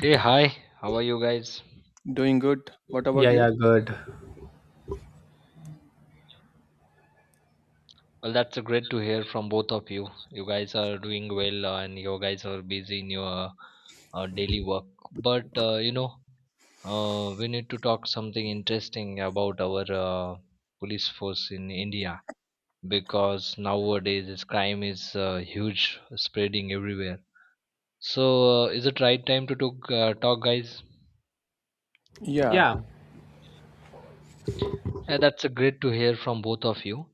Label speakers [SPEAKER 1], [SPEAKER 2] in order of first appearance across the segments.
[SPEAKER 1] Hey, hi, how are you guys?
[SPEAKER 2] Doing good. What
[SPEAKER 3] Yeah,
[SPEAKER 2] about you?
[SPEAKER 3] yeah, good.
[SPEAKER 1] Well, that's great to hear from both of you. You guys are doing well and you guys are busy in your daily work. But we need to talk something interesting about our police force in India because nowadays this crime is huge, spreading everywhere. So, is it right time to talk guys?
[SPEAKER 2] Yeah,
[SPEAKER 3] Yeah,
[SPEAKER 1] Yeah, that's a great to hear from both of you.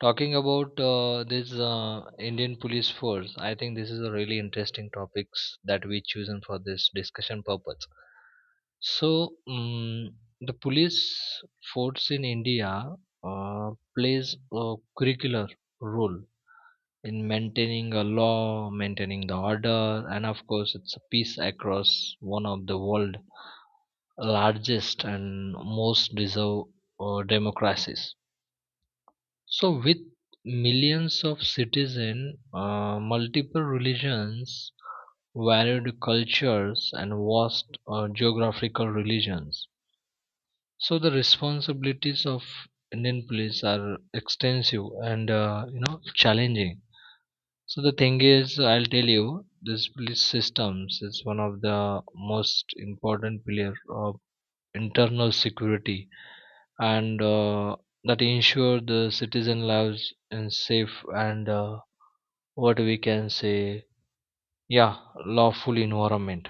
[SPEAKER 1] Talking about this Indian police force, I think this is a really interesting topics that we chosen for this discussion purpose. So the police force in India uh, plays a curricular role in maintaining a law, maintaining the order, and of course, it's a peace across one of the world largest and most deserved democracies. So, with millions of citizens, multiple religions, varied cultures, and vast geographical regions, so the responsibilities of Indian police are extensive and you know challenging. So the thing is, I'll tell you, this police systems is one of the most important pillar of internal security and that ensure the citizen lives in safe and what we can say yeah lawful environment.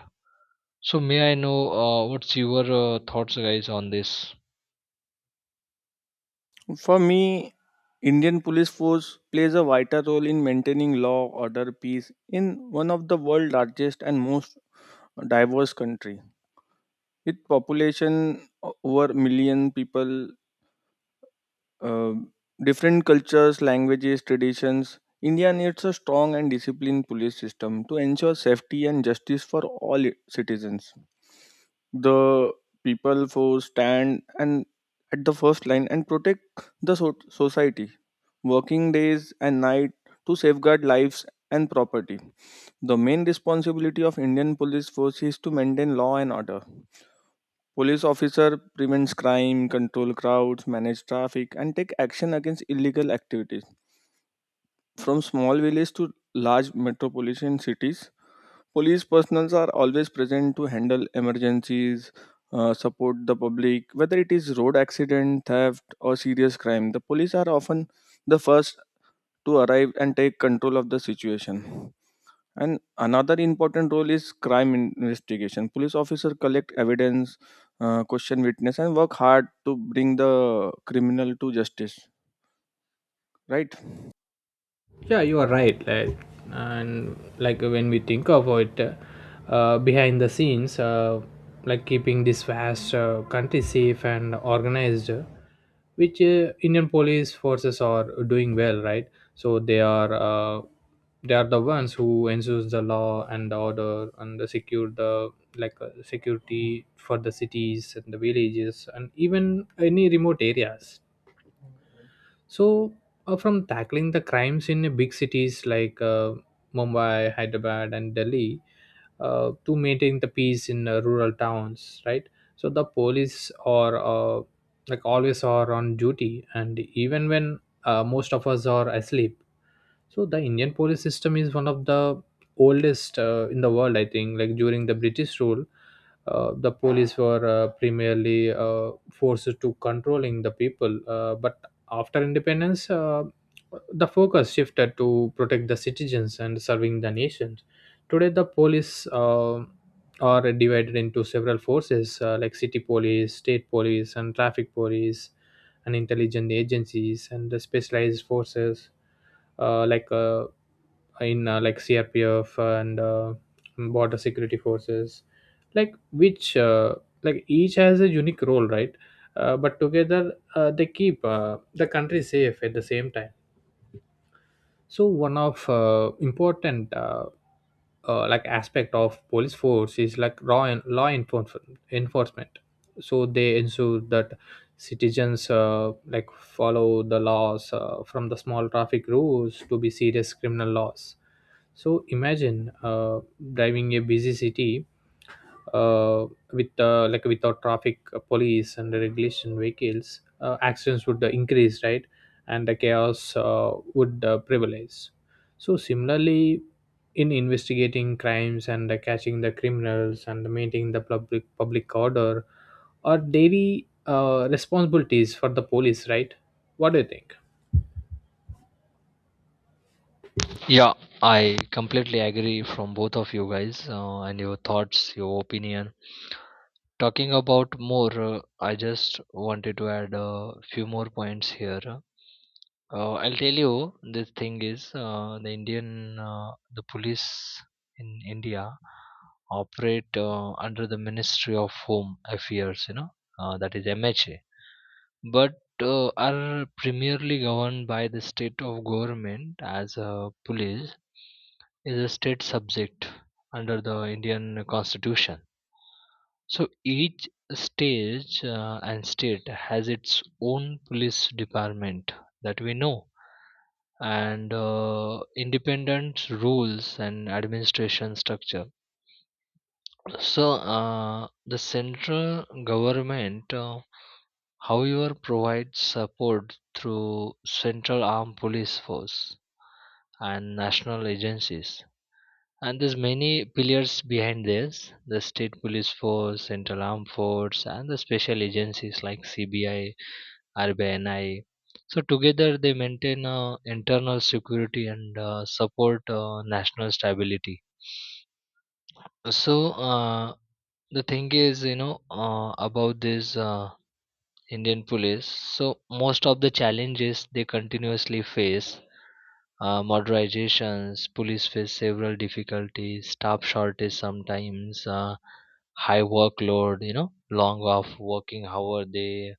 [SPEAKER 1] So may I know what's your thoughts guys on this?
[SPEAKER 2] for me, Indian police force plays a vital role in maintaining law, order, peace in one of the world's largest and most diverse country. With population over million people, uh, different cultures, languages, traditions, India needs a strong and disciplined police system to ensure safety and justice for all citizens. The people who stand and at the first line and protect the society, working days and night to safeguard lives and property. The main responsibility of Indian police force is to maintain law and order. Police officer prevents crime, control crowds, manage traffic, and take action against illegal activities from small villages to large metropolitan cities. Police personnel are always present to handle emergencies, support the public, whether it is road accident, theft, or serious crime. The police are often the first to arrive and take control of the situation. And another important role is crime investigation. Police officers collect evidence, question witness, and work hard to bring the criminal to justice. Right?
[SPEAKER 3] yeah, you are right. Like, and like when we think of it, behind the scenes, like keeping this vast country safe and organized, which Indian police forces are doing well, right? So they are the ones who ensures the law and the order and the secure the security for the cities and the villages and even any remote areas. So, from tackling the crimes in big cities like Mumbai, Hyderabad, and Delhi, to maintaining the peace in rural towns, right? So the police are like always are on duty, and even when most of us are asleep, so the Indian police system is one of the oldest in the world, I think. Like during the British rule, the police were primarily forces to controlling the people. But after independence, the focus shifted to protect the citizens and serving the nation. Today, the police are divided into several forces like city police, state police, and traffic police, and intelligence agencies and the specialized forces uh, like uh, like CRPF and border security forces, like which uh, like each has a unique role, right? But together they keep the country safe at the same time. So one of important like aspect of police force is like law enforcement, so they ensure that citizens like follow the laws from the small traffic rules to be serious criminal laws. So imagine driving a busy city uh, with like without traffic police and regulation vehicles, accidents would increase, right? And the chaos would prevalence. So similarly in investigating crimes and catching the criminals and maintaining the public order are daily responsibilities for the police, right? What do you think?
[SPEAKER 1] Yeah, I completely agree from both of you guys and your thoughts your opinion. Talking about more, I just wanted to add a few more points here. I'll tell you this thing is the police in India operate under the Ministry of Home Affairs, you know, that is MHA, but are primarily governed by the state of government as a police is a state subject under the Indian constitution. So each stage and state has its own police department that we know and independent rules and administration structure. So the central government, however, provides support through central armed police force and national agencies, and there's many pillars behind this: the state police force, central armed force, and the special agencies like CBI, RBNI. So together they maintain internal security and support national stability. So uh, the thing is, you know, about this Indian police. So most of the challenges they continuously face, murderizations, police face several difficulties, staff shortage sometimes, high workload, you know, long off working hour they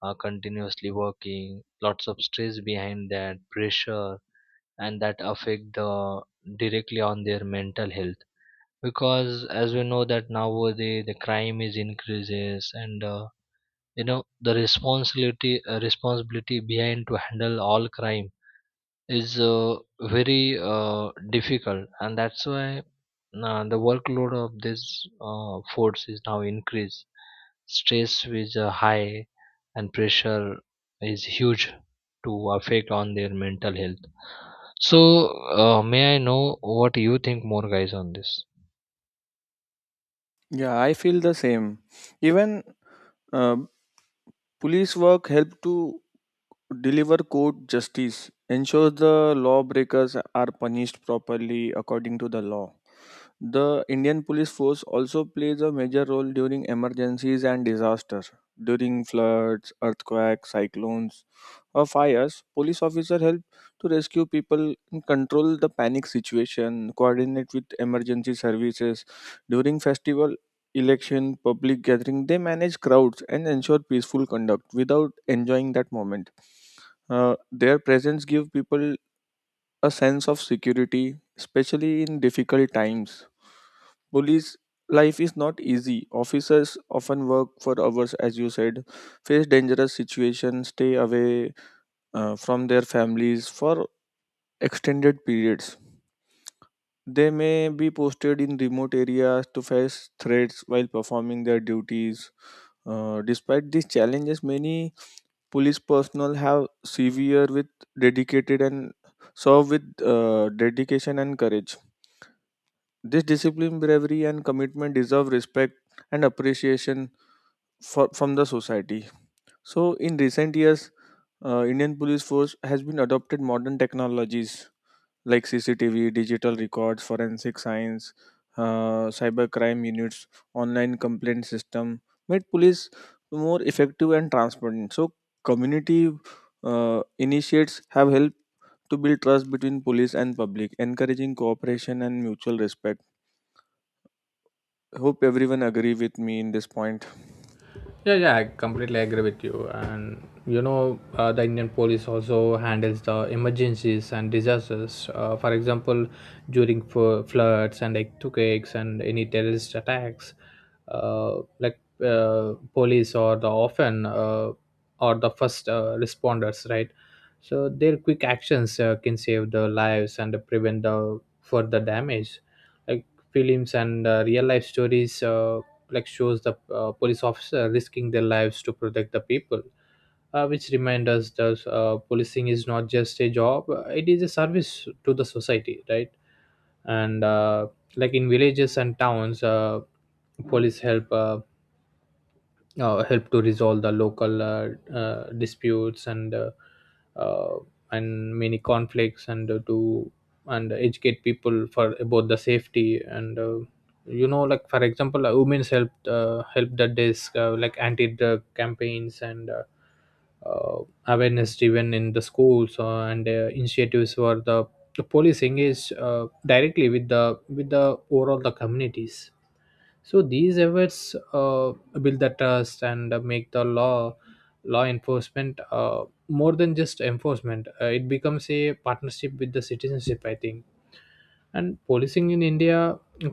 [SPEAKER 1] are continuously working, lots of stress behind that, pressure, and that affect the directly on their mental health because as we know that nowadays the crime is increases and, you know, the responsibility behind to handle all crime is very uh, difficult, and that's why the workload of this force is now increased, stress is high, and pressure is huge to affect on their mental health. So may I know what you think more guys on this?
[SPEAKER 2] Yeah, I feel the same. Even uh, police work help to deliver court justice, ensures the lawbreakers are punished properly according to the law. The Indian police force also plays a major role during emergencies and disasters. During floods, earthquakes, cyclones, or fires, police officers help to rescue people and control the panic situation, coordinate with emergency services. During festival, election, public gathering, they manage crowds and ensure peaceful conduct without enjoying that moment. Their presence give people a sense of security, especially in difficult times. Police life is not easy. Officers often work for hours, as you said, face dangerous situations, stay away from their families for extended periods. They may be posted in remote areas to face threats while performing their duties. Despite these challenges, many police personnel have severe with dedicated and serve with dedication and courage. This discipline, bravery, and commitment deserve respect and appreciation for, from the society. So, in recent years, Indian Police Force has been adopted modern technologies like CCTV, digital records, forensic science, cyber crime units, online complaint system, made police more effective and transparent. So, community initiates have helped to build trust between police and public, encouraging cooperation and mutual respect. Hope everyone agree with me in this point.
[SPEAKER 3] Yeah, yeah, I completely agree with you. And you know, the Indian police also handles the emergencies and disasters. For example, during floods and earthquakes and any terrorist attacks, police or the often or the first responders, right? So their quick actions can save the lives and prevent the further damage. Like films and real life stories. Like shows the police officer risking their lives to protect the people, which remind us that policing is not just a job, it is a service to the society, right? And like in villages and towns, police help help to resolve the local disputes uh, and many conflicts and to and educate people for about the safety and you know, like for example, women's help the desk, like anti drug campaigns and uh, awareness driven in the schools and initiatives where the police engage directly with the overall the communities. So these efforts build the trust and make the law enforcement more than just enforcement. It becomes a partnership with the citizenship, I think. And policing in india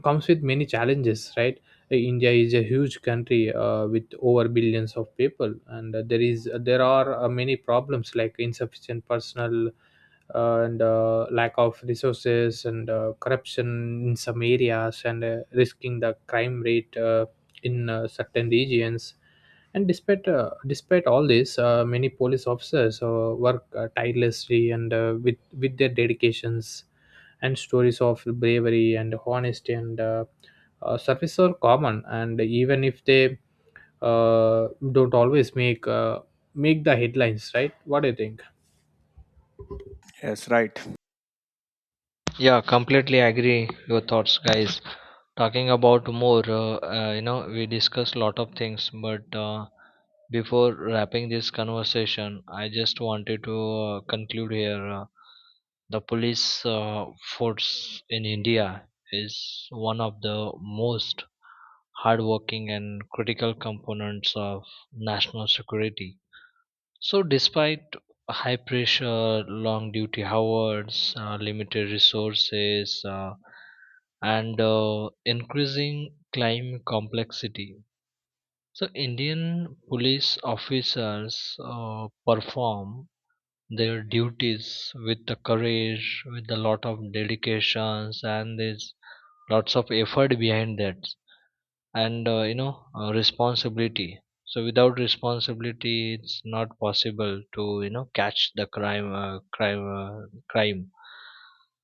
[SPEAKER 3] comes with many challenges, right? India is a huge country with over billions of people and there are many problems like insufficient personnel and lack of resources and corruption in some areas and risking the crime rate in certain regions. And despite all this, many police officers work tirelessly and with their dedications and stories of bravery and honesty and service are common. And even if they don't always make the headlines, right? What do you think?
[SPEAKER 2] Yes, right.
[SPEAKER 1] Yeah, completely agree your thoughts, guys. Talking about more, you know, we discussed lot of things, but before wrapping this conversation, I just wanted to conclude here. The police force in India is one of the most hardworking and critical components of national security. So, despite high pressure, long duty hours, limited resources, and increasing crime complexity, so Indian police officers perform their duties with the courage, with a lot of dedications, and there's lots of effort behind that and, you know, responsibility. So without responsibility it's not possible to, you know, catch the crime.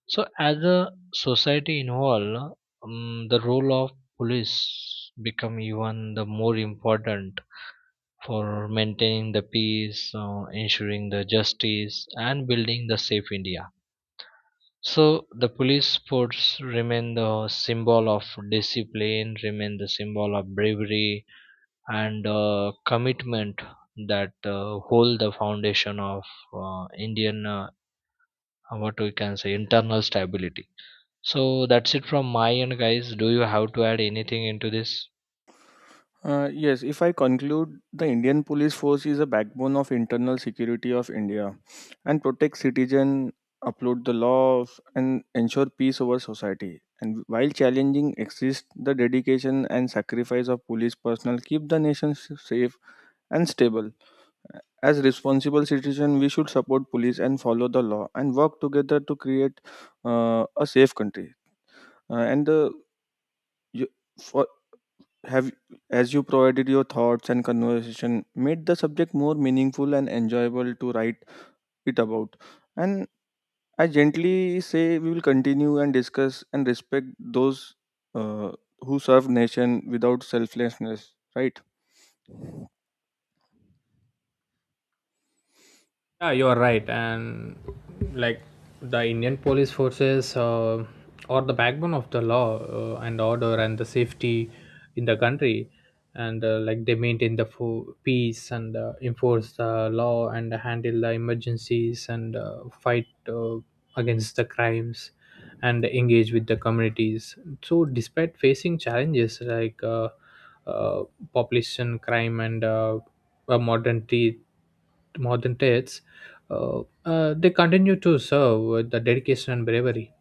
[SPEAKER 1] So as a society involved, the role of police become even the more important for maintaining the peace, ensuring the justice, and building the safe india. So the police force remain the symbol of discipline, remain the symbol of bravery and commitment, that hold the foundation of Indian what we can say internal stability. So that's it from my end, guys. Do you have to add anything into this?
[SPEAKER 2] Yes, if I conclude, the Indian police force is a backbone of internal security of India and protect citizen, uphold the laws, and ensure peace over society. And while challenging exists, the dedication and sacrifice of police personnel keep the nation safe and stable. As responsible citizens, we should support police and follow the law and work together to create a safe country. And the you for have as you provided your thoughts and conversation made the subject more meaningful and enjoyable to write it about. And I gently say we will continue and discuss and respect those uh, who serve nation without selflessness. Right?
[SPEAKER 3] Yeah, you are right. And like the Indian police forces are the backbone of the law and order and the safety in the country. And like they maintain the peace and enforce the law and handle the emergencies and fight against the crimes and engage with the communities. So, despite facing challenges like uh, population, crime, and modern, modern threats, they continue to serve with the dedication and bravery.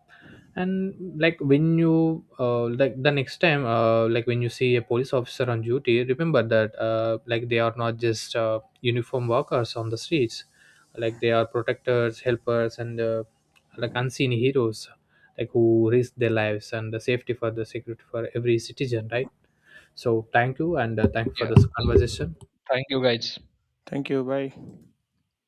[SPEAKER 3] And like when you like the next time like when you see a police officer on duty, remember that like they are not just uniform workers on the streets, like they are protectors, helpers, and like unseen heroes, like who risk their lives and the safety for the security for every citizen, right? So thank you, and thank you for
[SPEAKER 1] Yeah,
[SPEAKER 3] this conversation.
[SPEAKER 1] thank you, guys.
[SPEAKER 2] Thank you. Bye.